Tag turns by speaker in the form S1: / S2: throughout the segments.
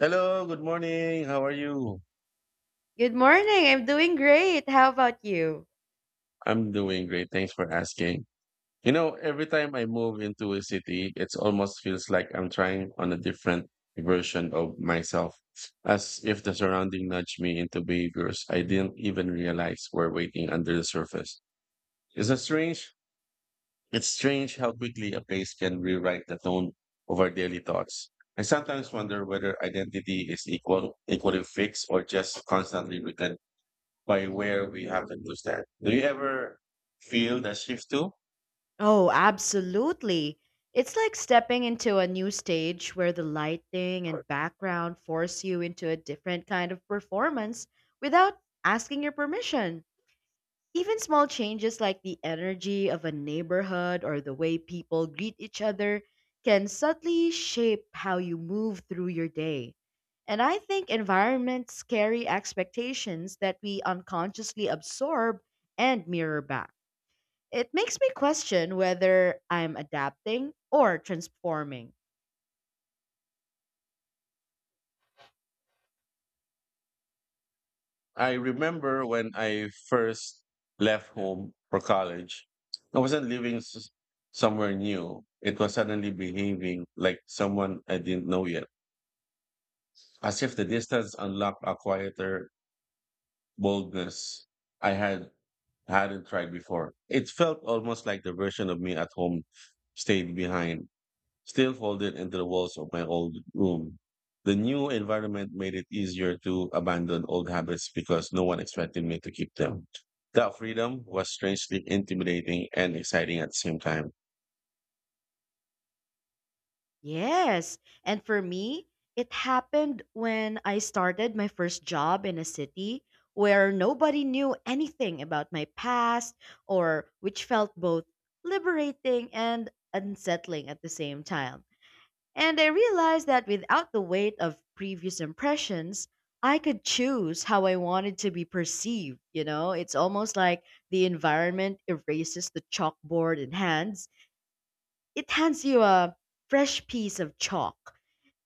S1: Hello, good morning. How are you?
S2: Good morning. I'm doing great. How about you?
S1: I'm doing great. Thanks for asking. You know, every time I move into a city, it almost feels like I'm trying on a different version of myself, as if the surrounding nudge me into behaviors I didn't even realize were waiting under the surface. Is it strange? It's strange how quickly a place can rewrite the tone of our daily thoughts. I sometimes wonder whether identity is equally fixed or just constantly reconditioned by where we happen to stand. Do you ever feel that shift too?
S2: Oh, absolutely. It's like stepping into a new stage where the lighting and background force you into a different kind of performance without asking your permission. Even small changes like the energy of a neighborhood or the way people greet each other can subtly shape how you move through your day. And I think environments carry expectations that we unconsciously absorb and mirror back. It makes me question whether I'm adapting or transforming.
S1: I remember when I first left home for college, I wasn't living somewhere new. It was suddenly behaving like someone I didn't know yet, as if the distance unlocked a quieter boldness I hadn't tried before. It felt almost like the version of me at home stayed behind still folded into the walls of my old room. The new environment made it easier to abandon old habits because no one expected me to keep them. That freedom was strangely intimidating and exciting at the same time.
S2: Yes. And for me, it happened when I started my first job in a city where nobody knew anything about my past or which felt both liberating and unsettling at the same time. And I realized that without the weight of previous impressions, I could choose how I wanted to be perceived, you know? It's almost like the environment erases the chalkboard in hands. It hands you a fresh piece of chalk,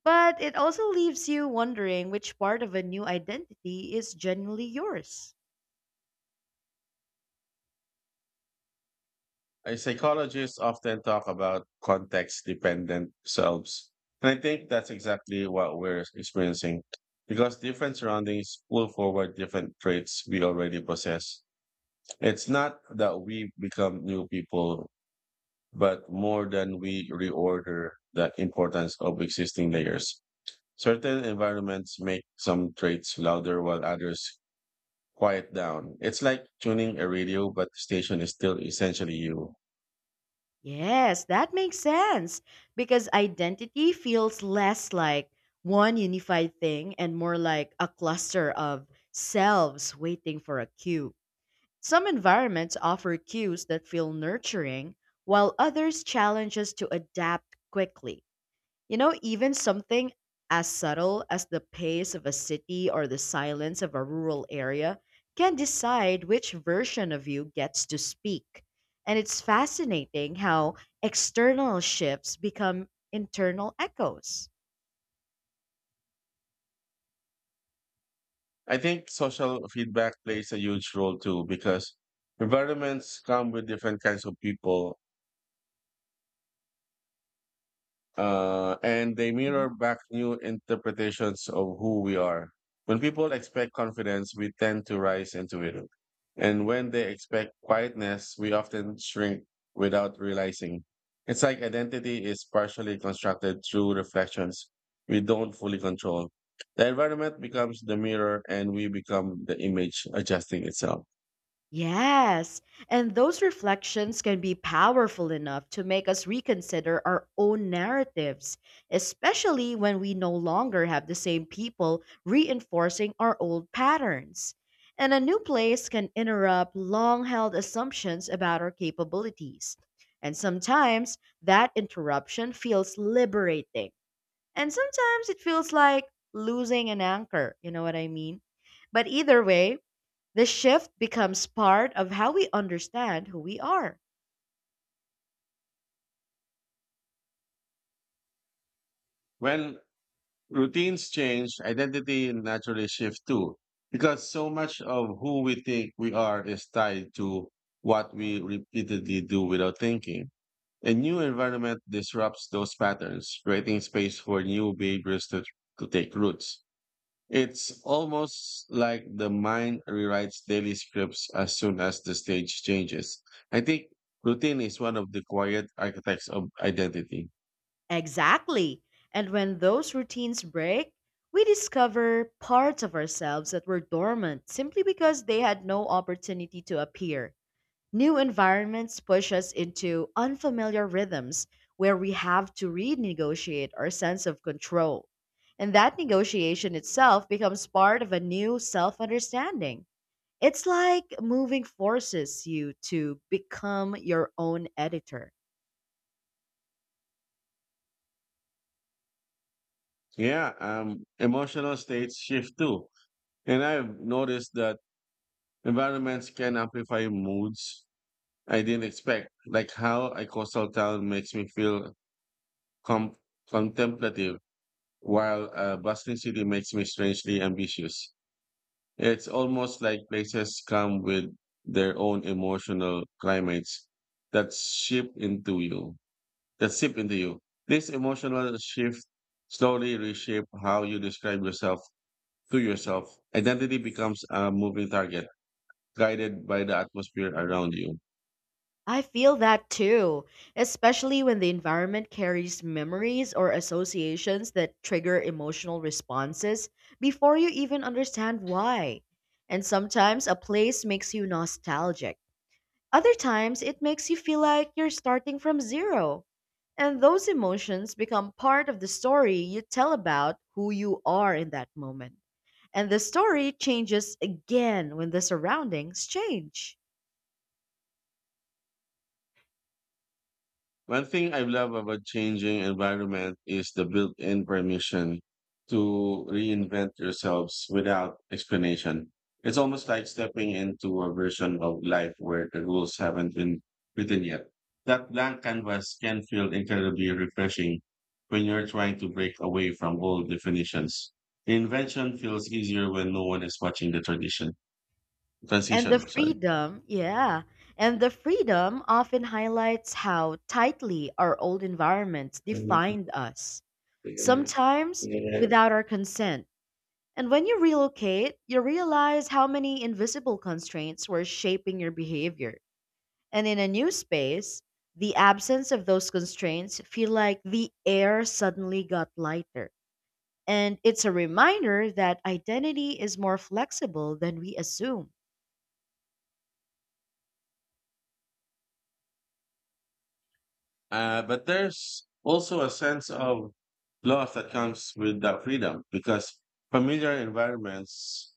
S2: but it also leaves you wondering which part of a new identity is genuinely yours.
S1: I psychologists often talk about context dependent selves. And I think that's exactly what we're experiencing because different surroundings pull forward different traits we already possess. It's not that we become new people but more than we reorder the importance of existing layers. Certain environments make some traits louder while others quiet down. It's like tuning a radio, but the station is still essentially you.
S2: Yes, that makes sense because identity feels less like one unified thing and more like a cluster of selves waiting for a cue. Some environments offer cues that feel nurturing, while others challenge us to adapt quickly. You know, even something as subtle as the pace of a city or the silence of a rural area can decide which version of you gets to speak. And it's fascinating how external shifts become internal echoes.
S1: I think social feedback plays a huge role too because environments come with different kinds of people, and they mirror back new interpretations of who we are. When people expect confidence, we tend to rise into it. And when they expect quietness, we often shrink without realizing. It's like identity is partially constructed through reflections we don't fully control. The environment becomes the mirror and we become the image adjusting itself.
S2: Yes, and those reflections can be powerful enough to make us reconsider our own narratives, especially when we no longer have the same people reinforcing our old patterns. And a new place can interrupt long held assumptions about our capabilities. And sometimes that interruption feels liberating, and sometimes it feels like losing an anchor. You know what I mean? But either way, the shift becomes part of how we understand who we are.
S1: When routines change, identity naturally shifts too, because so much of who we think we are is tied to what we repeatedly do without thinking. A new environment disrupts those patterns, creating space for new behaviors to take roots. It's almost like the mind rewrites daily scripts as soon as the stage changes. I think routine is one of the quiet architects of identity.
S2: Exactly. And when those routines break, we discover parts of ourselves that were dormant simply because they had no opportunity to appear. New environments push us into unfamiliar rhythms where we have to renegotiate our sense of control. And that negotiation itself becomes part of a new self understanding. It's like moving forces you to become your own editor.
S1: Yeah, emotional states shift too. And I've noticed that environments can amplify moods I didn't expect, like how a coastal town makes me feel com- contemplative, while a bustling city makes me strangely ambitious. It's almost like places come with their own emotional climates that ship into you, that sip into you. This emotional shift slowly reshape how you describe yourself to yourself. Identity becomes a moving target guided by the atmosphere around you.
S2: I feel that too, especially when the environment carries memories or associations that trigger emotional responses before you even understand why. And sometimes a place makes you nostalgic. Other times it makes you feel like you're starting from zero. And those emotions become part of the story you tell about who you are in that moment. And the story changes again when the surroundings change.
S1: One thing I love about changing environment is the built-in permission to reinvent yourselves without explanation. It's almost like stepping into a version of life where the rules haven't been written yet. That blank canvas can feel incredibly refreshing when you're trying to break away from old definitions. Invention feels easier when no one is watching the tradition
S2: And the
S1: transition. Sorry.
S2: freedom, yeah. And the freedom often highlights how tightly our old environments defined us, sometimes without our consent. And when you relocate, you realize how many invisible constraints were shaping your behavior. And in a new space, the absence of those constraints feel like the air suddenly got lighter. And it's a reminder that identity is more flexible than we assume.
S1: But there's also a sense of loss that comes with that freedom because familiar environments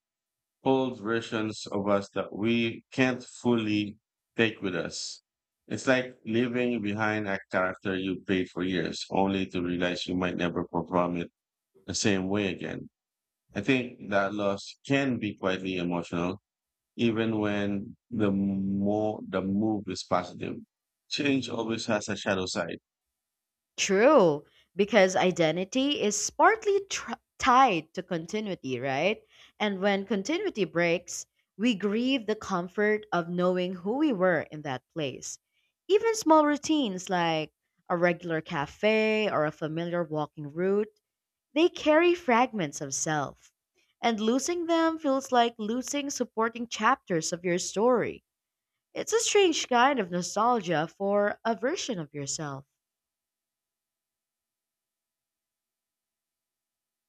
S1: hold versions of us that we can't fully take with us. It's like leaving behind a character you played for years, only to realize you might never perform it the same way again. I think that loss can be quietly emotional, even when the move is positive. Change always has a shadow side.
S2: True, because identity is partly tied to continuity, right? And when continuity breaks, we grieve the comfort of knowing who we were in that place. Even small routines like a regular cafe or a familiar walking route, they carry fragments of self. And losing them feels like losing supporting chapters of your story. It's a strange kind of nostalgia for a version of yourself.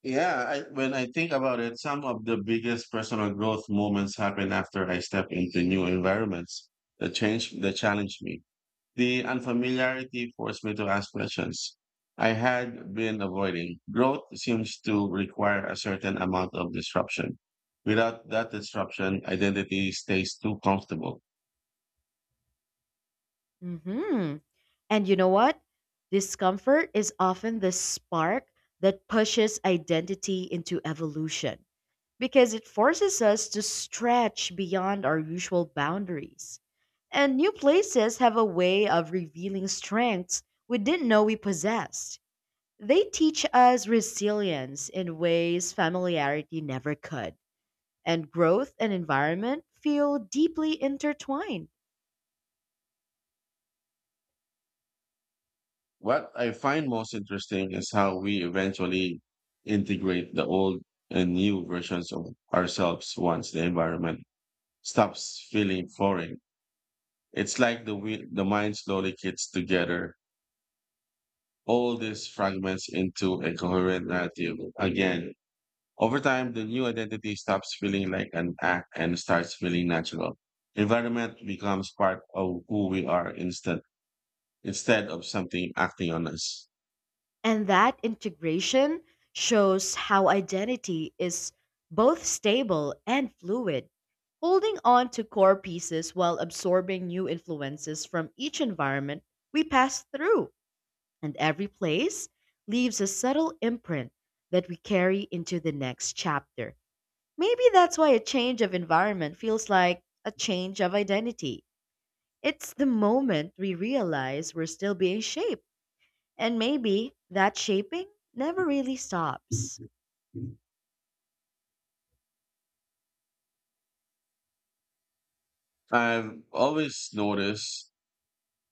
S1: Yeah, when I think about it, some of the biggest personal growth moments happen after I step into new environments that challenge me. The unfamiliarity forced me to ask questions I had been avoiding. Growth seems to require a certain amount of disruption. Without that disruption, identity stays too comfortable.
S2: Hmm. And you know what? Discomfort is often the spark that pushes identity into evolution because it forces us to stretch beyond our usual boundaries. And new places have a way of revealing strengths we didn't know we possessed. They teach us resilience in ways familiarity never could. And growth and environment feel deeply intertwined.
S1: What I find most interesting is how we eventually integrate the old and new versions of ourselves once the environment stops feeling foreign. It's like the mind slowly gets together all these fragments into a coherent narrative again. Over time, the new identity stops feeling like an act and starts feeling natural. Environment becomes part of who we are instead of something acting on us.
S2: And that integration shows how identity is both stable and fluid, holding on to core pieces while absorbing new influences from each environment we pass through. And every place leaves a subtle imprint that we carry into the next chapter. Maybe that's why a change of environment feels like a change of identity. It's the moment we realize we're still being shaped. And maybe that shaping never really stops.
S1: I've always noticed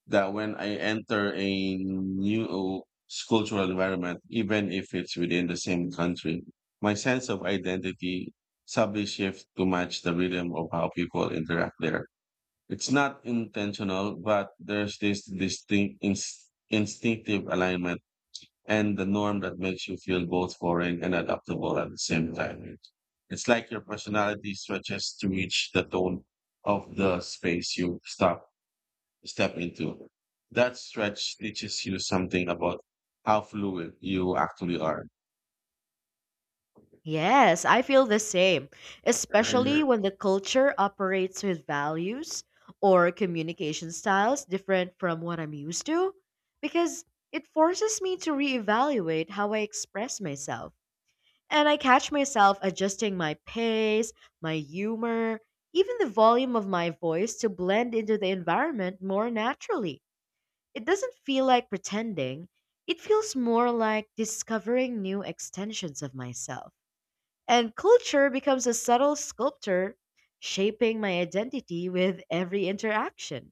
S1: that when I enter a new cultural environment, even if it's within the same country, my sense of identity subtly shifts to match the rhythm of how people interact there. It's not intentional, but there's this distinct instinctive alignment and the norm that makes you feel both foreign and adaptable at the same time. It's like your personality stretches to reach the tone of the space you stop step into. That stretch teaches you something about how fluid you actually are.
S2: Yes, I feel the same, especially when the culture operates with values or communication styles different from what I'm used to, because it forces me to reevaluate how I express myself. And I catch myself adjusting my pace, my humor, even the volume of my voice to blend into the environment more naturally. It doesn't feel like pretending. It feels more like discovering new extensions of myself. And culture becomes a subtle sculptor, shaping my identity with every interaction.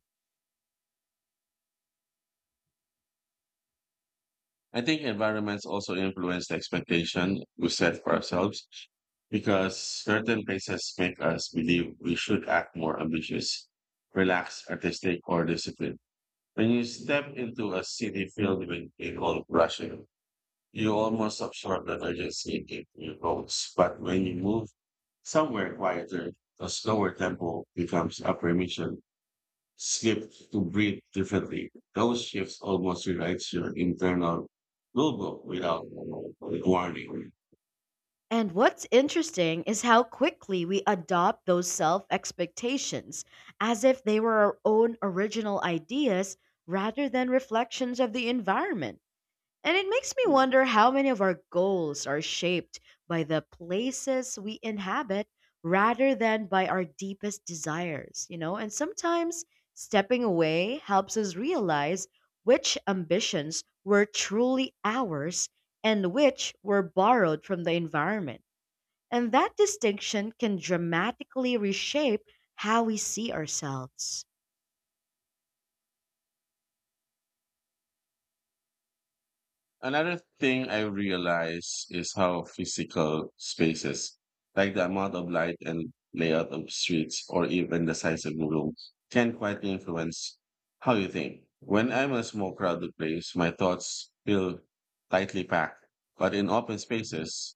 S1: I think environments also influence the expectation we set for ourselves because certain places make us believe we should act more ambitious, relaxed, artistic, or disciplined. When you step into a city filled with people rushing, you almost absorb the urgency it evokes. But when you move somewhere quieter, a slower tempo becomes a permission slip to breathe differently. Those shifts almost rewrites your internal rulebook without warning.
S2: And what's interesting is how quickly we adopt those self expectations as if they were our own original ideas rather than reflections of the environment. And it makes me wonder how many of our goals are shaped by the places we inhabit rather than by our deepest desires, you know? And sometimes stepping away helps us realize which ambitions were truly ours and which were borrowed from the environment. And that distinction can dramatically reshape how we see ourselves.
S1: Another thing I realize is how physical spaces, like the amount of light and layout of streets or even the size of the room, can quite influence how you think. When I'm in a small crowded place, my thoughts feel tightly packed. But in open spaces,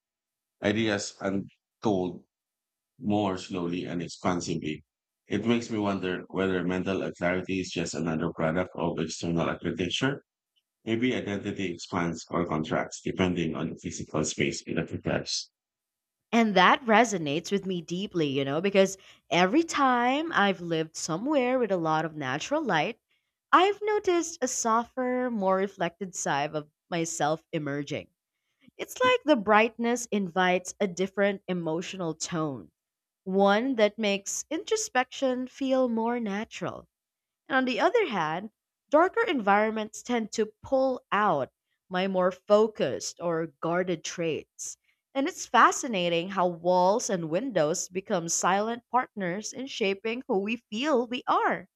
S1: ideas are more slowly and expansively. It makes me wonder whether mental clarity is just another product of external architecture. Every identity expands or contracts depending on the physical space it occupies.
S2: And that resonates with me deeply, you know, because every time I've lived somewhere with a lot of natural light, I've noticed a softer, more reflected side of myself emerging. It's like the brightness invites a different emotional tone, one that makes introspection feel more natural. And on the other hand, darker environments tend to pull out my more focused or guarded traits. And it's fascinating how walls and windows become silent partners in shaping who we feel we are.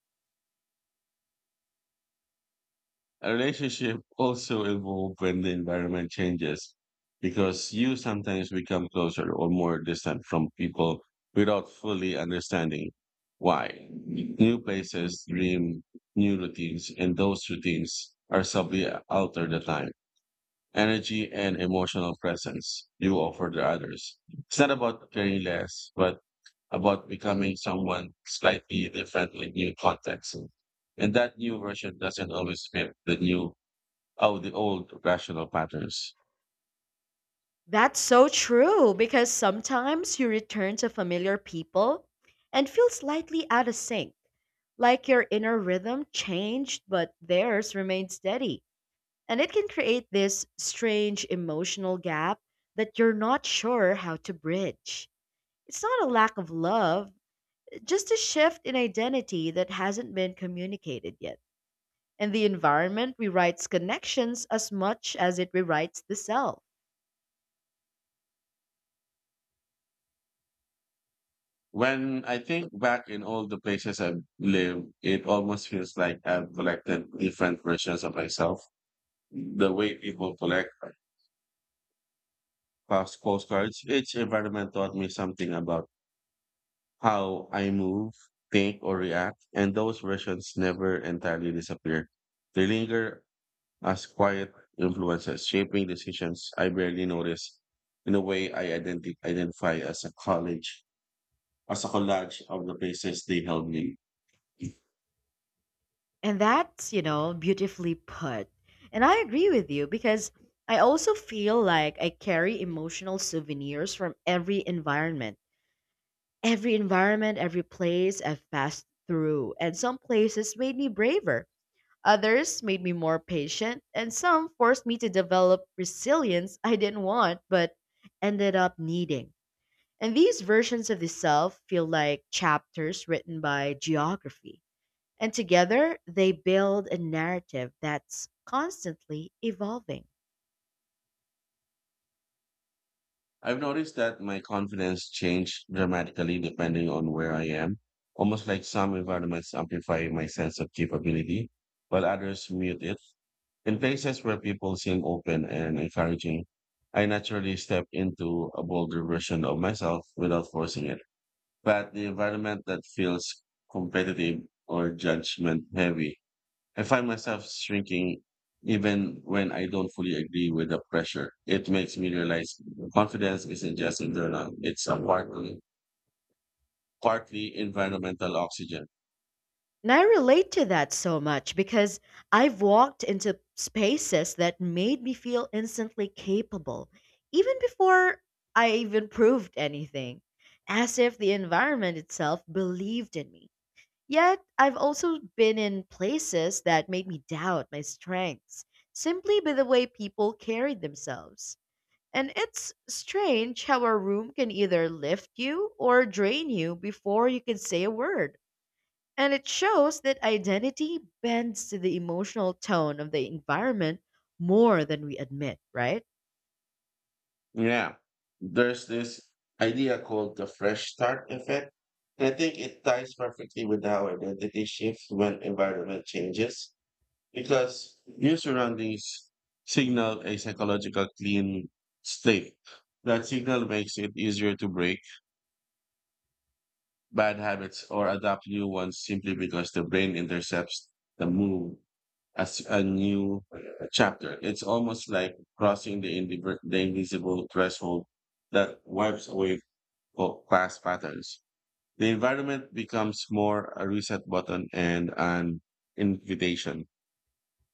S1: A relationship also evolves when the environment changes because you sometimes become closer or more distant from people without fully understanding why. New places, dream, new routines, and those routines are subtly altered the time, energy, and emotional presence you offer to others. It's not about caring less, but about becoming someone slightly different in new contexts. And that new version doesn't always fit the old rational patterns.
S2: That's so true because sometimes you return to familiar people and feel slightly out of sync, like your inner rhythm changed but theirs remained steady. And it can create this strange emotional gap that you're not sure how to bridge. It's not a lack of love, just a shift in identity that hasn't been communicated yet. And the environment rewrites connections as much as it rewrites the self.
S1: When I think back in all the places I've lived, it almost feels like I've collected different versions of myself. The way people collect postcards, each environment taught me something about how I move, think, or react. And those versions never entirely disappear. They linger as quiet influences shaping decisions I barely notice. In a way, identify as a college, as a collage of the places they held me.
S2: And that's, you know, beautifully put. And I agree with you because I also feel like I carry emotional souvenirs from every environment. Every environment, every place I've passed through, and some places made me braver, others made me more patient, and some forced me to develop resilience I didn't want but ended up needing. And these versions of the self feel like chapters written by geography. And together, they build a narrative that's constantly evolving.
S1: I've noticed that my confidence changed dramatically depending on where I am, almost like some environments amplify my sense of capability, while others mute it. In places where people seem open and encouraging, I naturally step into a bolder version of myself without forcing it. But the environment that feels competitive or judgment heavy, I find myself shrinking even when I don't fully agree with the pressure. It makes me realize confidence isn't just internal, it's partly environmental oxygen.
S2: And I relate to that so much because I've walked into spaces that made me feel instantly capable, even before I even proved anything, as if the environment itself believed in me. Yet, I've also been in places that made me doubt my strengths simply by the way people carried themselves. And it's strange how a room can either lift you or drain you before you can say a word. And it shows that identity bends to the emotional tone of the environment more than we admit, right?
S1: Yeah. There's this idea called the fresh start effect. And I think it ties perfectly with how identity shifts when environment changes, because your surroundings signal a psychological clean state. That signal makes it easier to break bad habits or adopt new ones simply because the brain intercepts the move as a new chapter. It's almost like crossing the invisible threshold that wipes away past patterns. The environment becomes more a reset button and an invitation.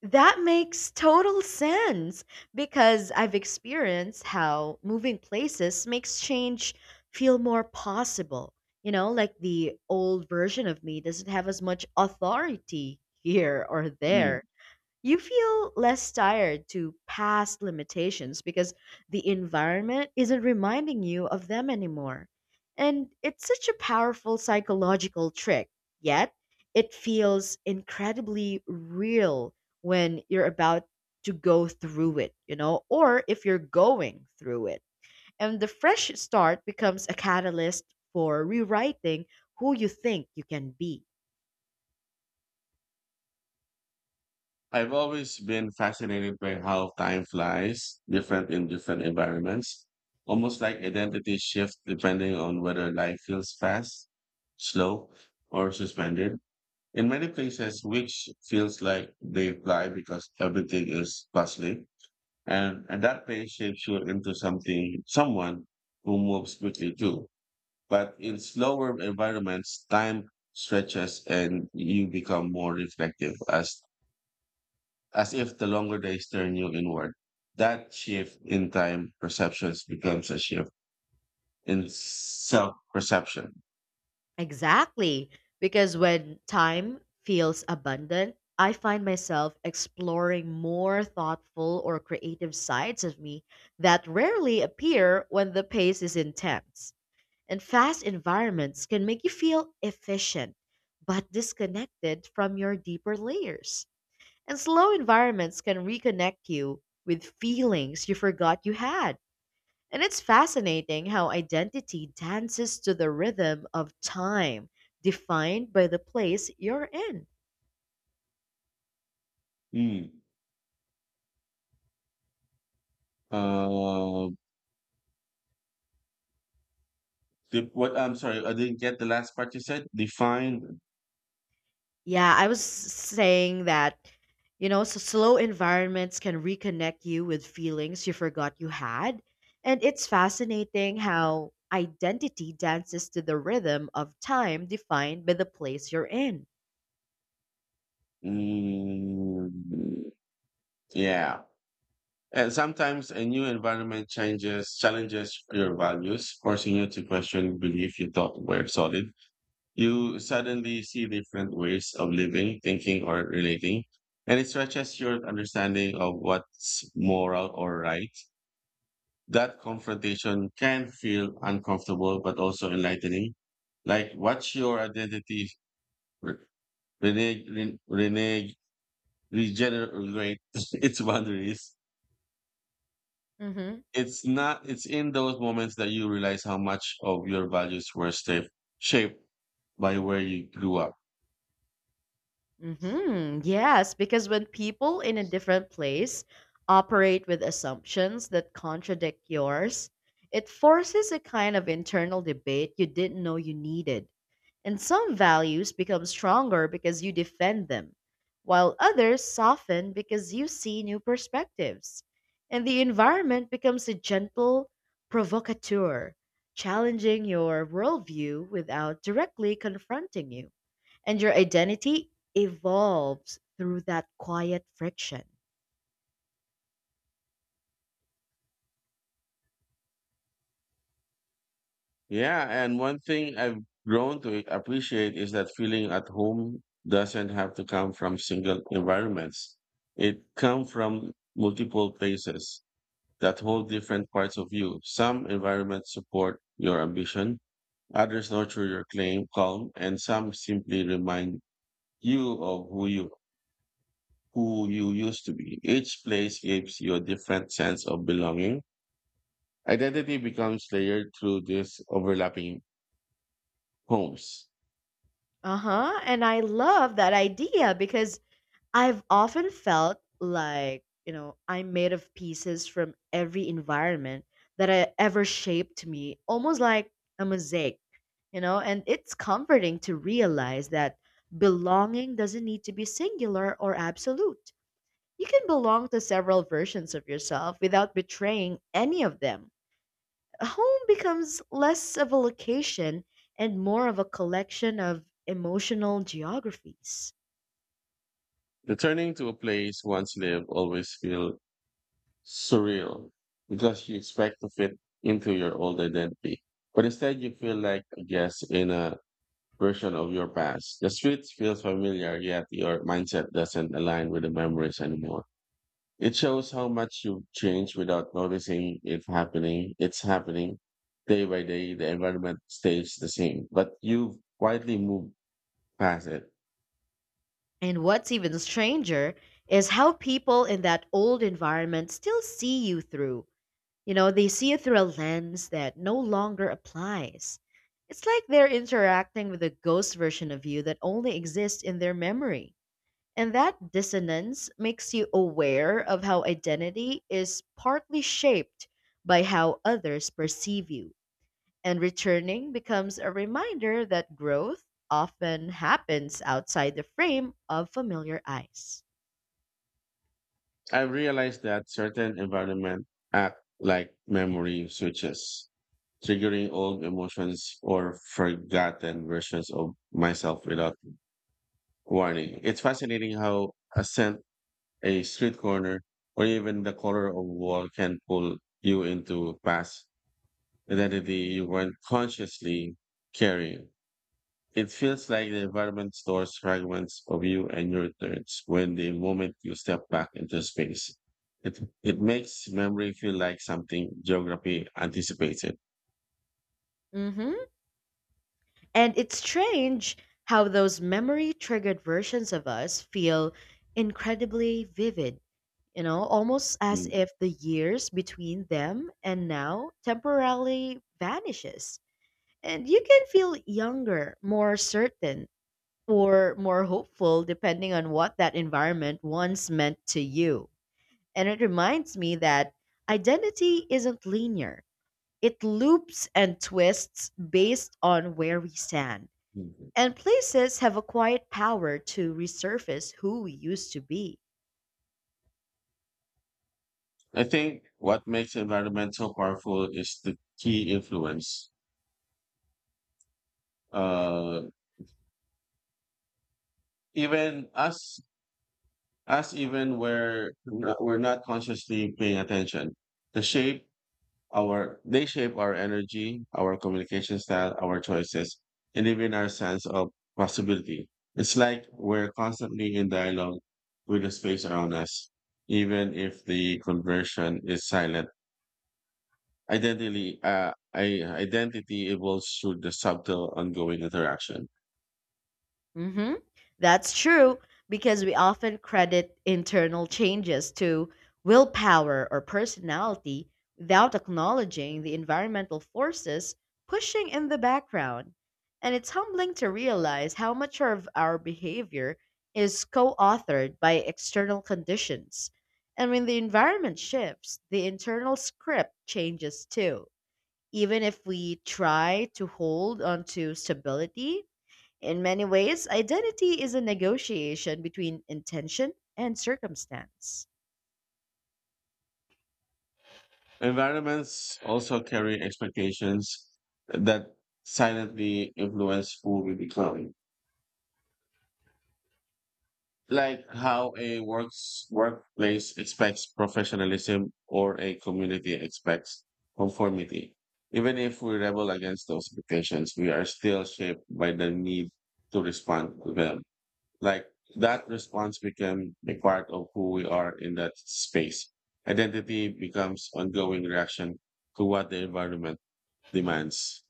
S2: That makes total sense because I've experienced how moving places makes change feel more possible. You know, like the old version of me doesn't have as much authority here or there.
S1: Hmm.
S2: You feel less tired to past limitations because the environment isn't reminding you of them anymore. And it's such a powerful psychological trick, yet it feels incredibly real when you're about to go through it, you know, or if you're going through it. And the fresh start becomes a catalyst for rewriting who you think you can be.
S1: I've always been fascinated by how time flies, different in different environments, almost like identity shifts depending on whether life feels fast, slow, or suspended. In many places, weeks feels like they fly because everything is bustling, and that pace shapes you into someone who moves quickly too. But in slower environments, time stretches and you become more reflective as if the longer days turn you inward. That shift in time perceptions becomes a shift in self perception.
S2: Exactly. Because when time feels abundant, I find myself exploring more thoughtful or creative sides of me that rarely appear when the pace is intense. And fast environments can make you feel efficient, but disconnected from your deeper layers. And slow environments can reconnect you with feelings you forgot you had, and it's fascinating how identity dances to the rhythm of time, defined by the place you're in.
S1: Mm. Uh, the- what I'm sorry, I didn't get the last part you said. Define.
S2: Yeah, I was saying that, you know, so slow environments can reconnect you with feelings you forgot you had. And it's fascinating how identity dances to the rhythm of time defined by the place you're in.
S1: Mm, yeah. And sometimes a new environment challenges your values, forcing you to question belief you thought were solid. You suddenly see different ways of living, thinking, or relating, and it stretches your understanding of what's moral or right. That confrontation can feel uncomfortable, but also enlightening. Like, what's your identity? re- Reneg, ren- reneg, Regenerate its boundaries. It's not, It's in those moments that you realize how much of your values were shaped by where you grew up.
S2: Mm-hmm. Yes, because when people in a different place operate with assumptions that contradict yours, it forces a kind of internal debate you didn't know you needed. And some values become stronger because you defend them, while others soften because you see new perspectives. And the environment becomes a gentle provocateur, challenging your worldview without directly confronting you, and your identity evolves through that quiet friction.
S1: Yeah, and one thing I've grown to appreciate is that feeling at home doesn't have to come from single environments. It comes from multiple places that hold different parts of you. Some environments support your ambition, others nurture your claim calm, and some simply remind you of who you used to be. Each place gives you a different sense of belonging. Identity becomes layered through these overlapping homes.
S2: Uh huh. And I love that idea because I've often felt like, you know, I'm made of pieces from every environment that I ever shaped me, almost like a mosaic, you know, and it's comforting to realize that belonging doesn't need to be singular or absolute. You can belong to several versions of yourself without betraying any of them. Home becomes less of a location and more of a collection of emotional geographies.
S1: Returning to a place once lived always feels surreal because you expect to fit into your old identity. But instead, you feel like a guest in a version of your past. The streets feel familiar, yet your mindset doesn't align with the memories anymore. It shows how much you've changed without noticing it happening. It's happening day by day. The environment stays the same, but you've quietly moved past it.
S2: And what's even stranger is how people in that old environment still see you through. You know, they see you through a lens that no longer applies. It's like they're interacting with a ghost version of you that only exists in their memory. And that dissonance makes you aware of how identity is partly shaped by how others perceive you. And returning becomes a reminder that growth often happens outside the frame of familiar eyes.
S1: I realized that certain environment act like memory switches, triggering old emotions or forgotten versions of myself without warning. It's fascinating how a scent, a street corner, or even the color of wall can pull you into past identity you weren't consciously carrying. It feels like the environment stores fragments of you and your thoughts when the moment you step back into space. It makes memory feel like something geography anticipated.
S2: Hmm. And it's strange how those memory triggered versions of us feel incredibly vivid, you know, almost as
S1: Mm.
S2: if the years between them and now temporarily vanishes. And you can feel younger, more certain, or more hopeful depending on what that environment once meant to you. And it reminds me that identity isn't linear, it loops and twists based on where we stand. And places have a quiet power to resurface who we used to be.
S1: I think what makes environment so powerful is the key influence. Uh, even us, us even where we're not consciously paying attention, the shape they shape our energy, our communication style, our choices, and even our sense of possibility. It's like we're constantly in dialogue with the space around us, even if the conversion is silent. Identity evolves through the subtle, ongoing interaction.
S2: Hmm. That's true because we often credit internal changes to willpower or personality without acknowledging the environmental forces pushing in the background. And it's humbling to realize how much of our behavior is co authored by external conditions. And when the environment shifts, the internal script changes too. Even if we try to hold on to stability, in many ways, identity is a negotiation between intention and circumstance.
S1: Environments also carry expectations that silently influence who we become, like how a works workplace expects professionalism or a community expects conformity. Even if we rebel against those expectations, we are still shaped by the need to respond to them. Like that response became a part of who we are in that space. Identity becomes ongoing reaction to what the environment demands.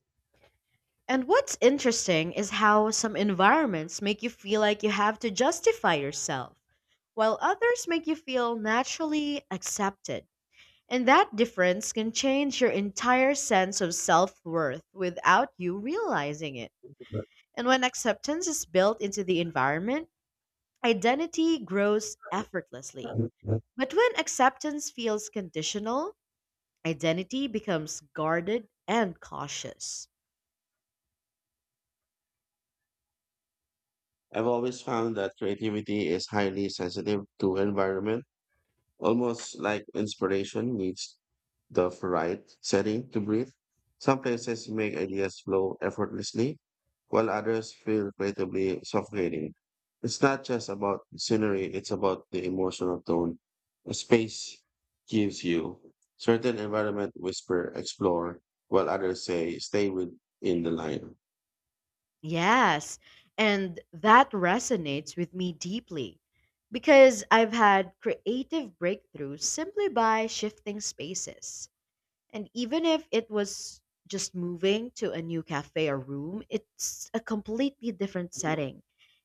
S2: And what's interesting is how some environments make you feel like you have to justify yourself, while others make you feel naturally accepted. And that difference can change your entire sense of self worth without you realizing it. And when acceptance is built into the environment, identity grows effortlessly.
S1: I've
S2: But when acceptance feels conditional, identity becomes guarded and cautious.
S1: always found that creativity is highly sensitive to environment. Almost like inspiration needs the right setting to breathe. Some places make ideas flow effortlessly, while others feel creatively suffocating. It's not just about scenery, it's about the emotional tone a space gives you. Certain environment whisper explore, while others say stay within the line.
S2: Yes, and that resonates with me deeply because I've had creative breakthroughs simply by shifting spaces. And even if it was just moving to a new cafe or room, it's a completely different setting.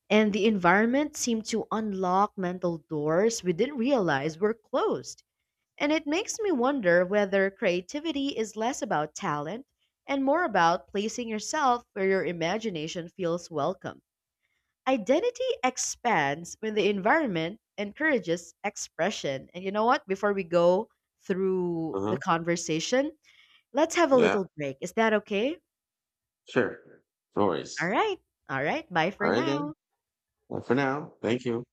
S2: And the environment seemed to unlock mental doors we didn't realize were closed. And it makes me wonder whether creativity is less about talent and more about placing yourself where your imagination feels welcome. Identity expands when the environment encourages expression. And you know what? Before we go through the
S1: Uh-huh.
S2: conversation, let's have a
S1: Yeah,
S2: little break. Is that okay?
S1: sure. No
S2: All
S1: worries.
S2: right. All right. Bye for
S1: All right then.
S2: now.
S1: Well, for now, thank you.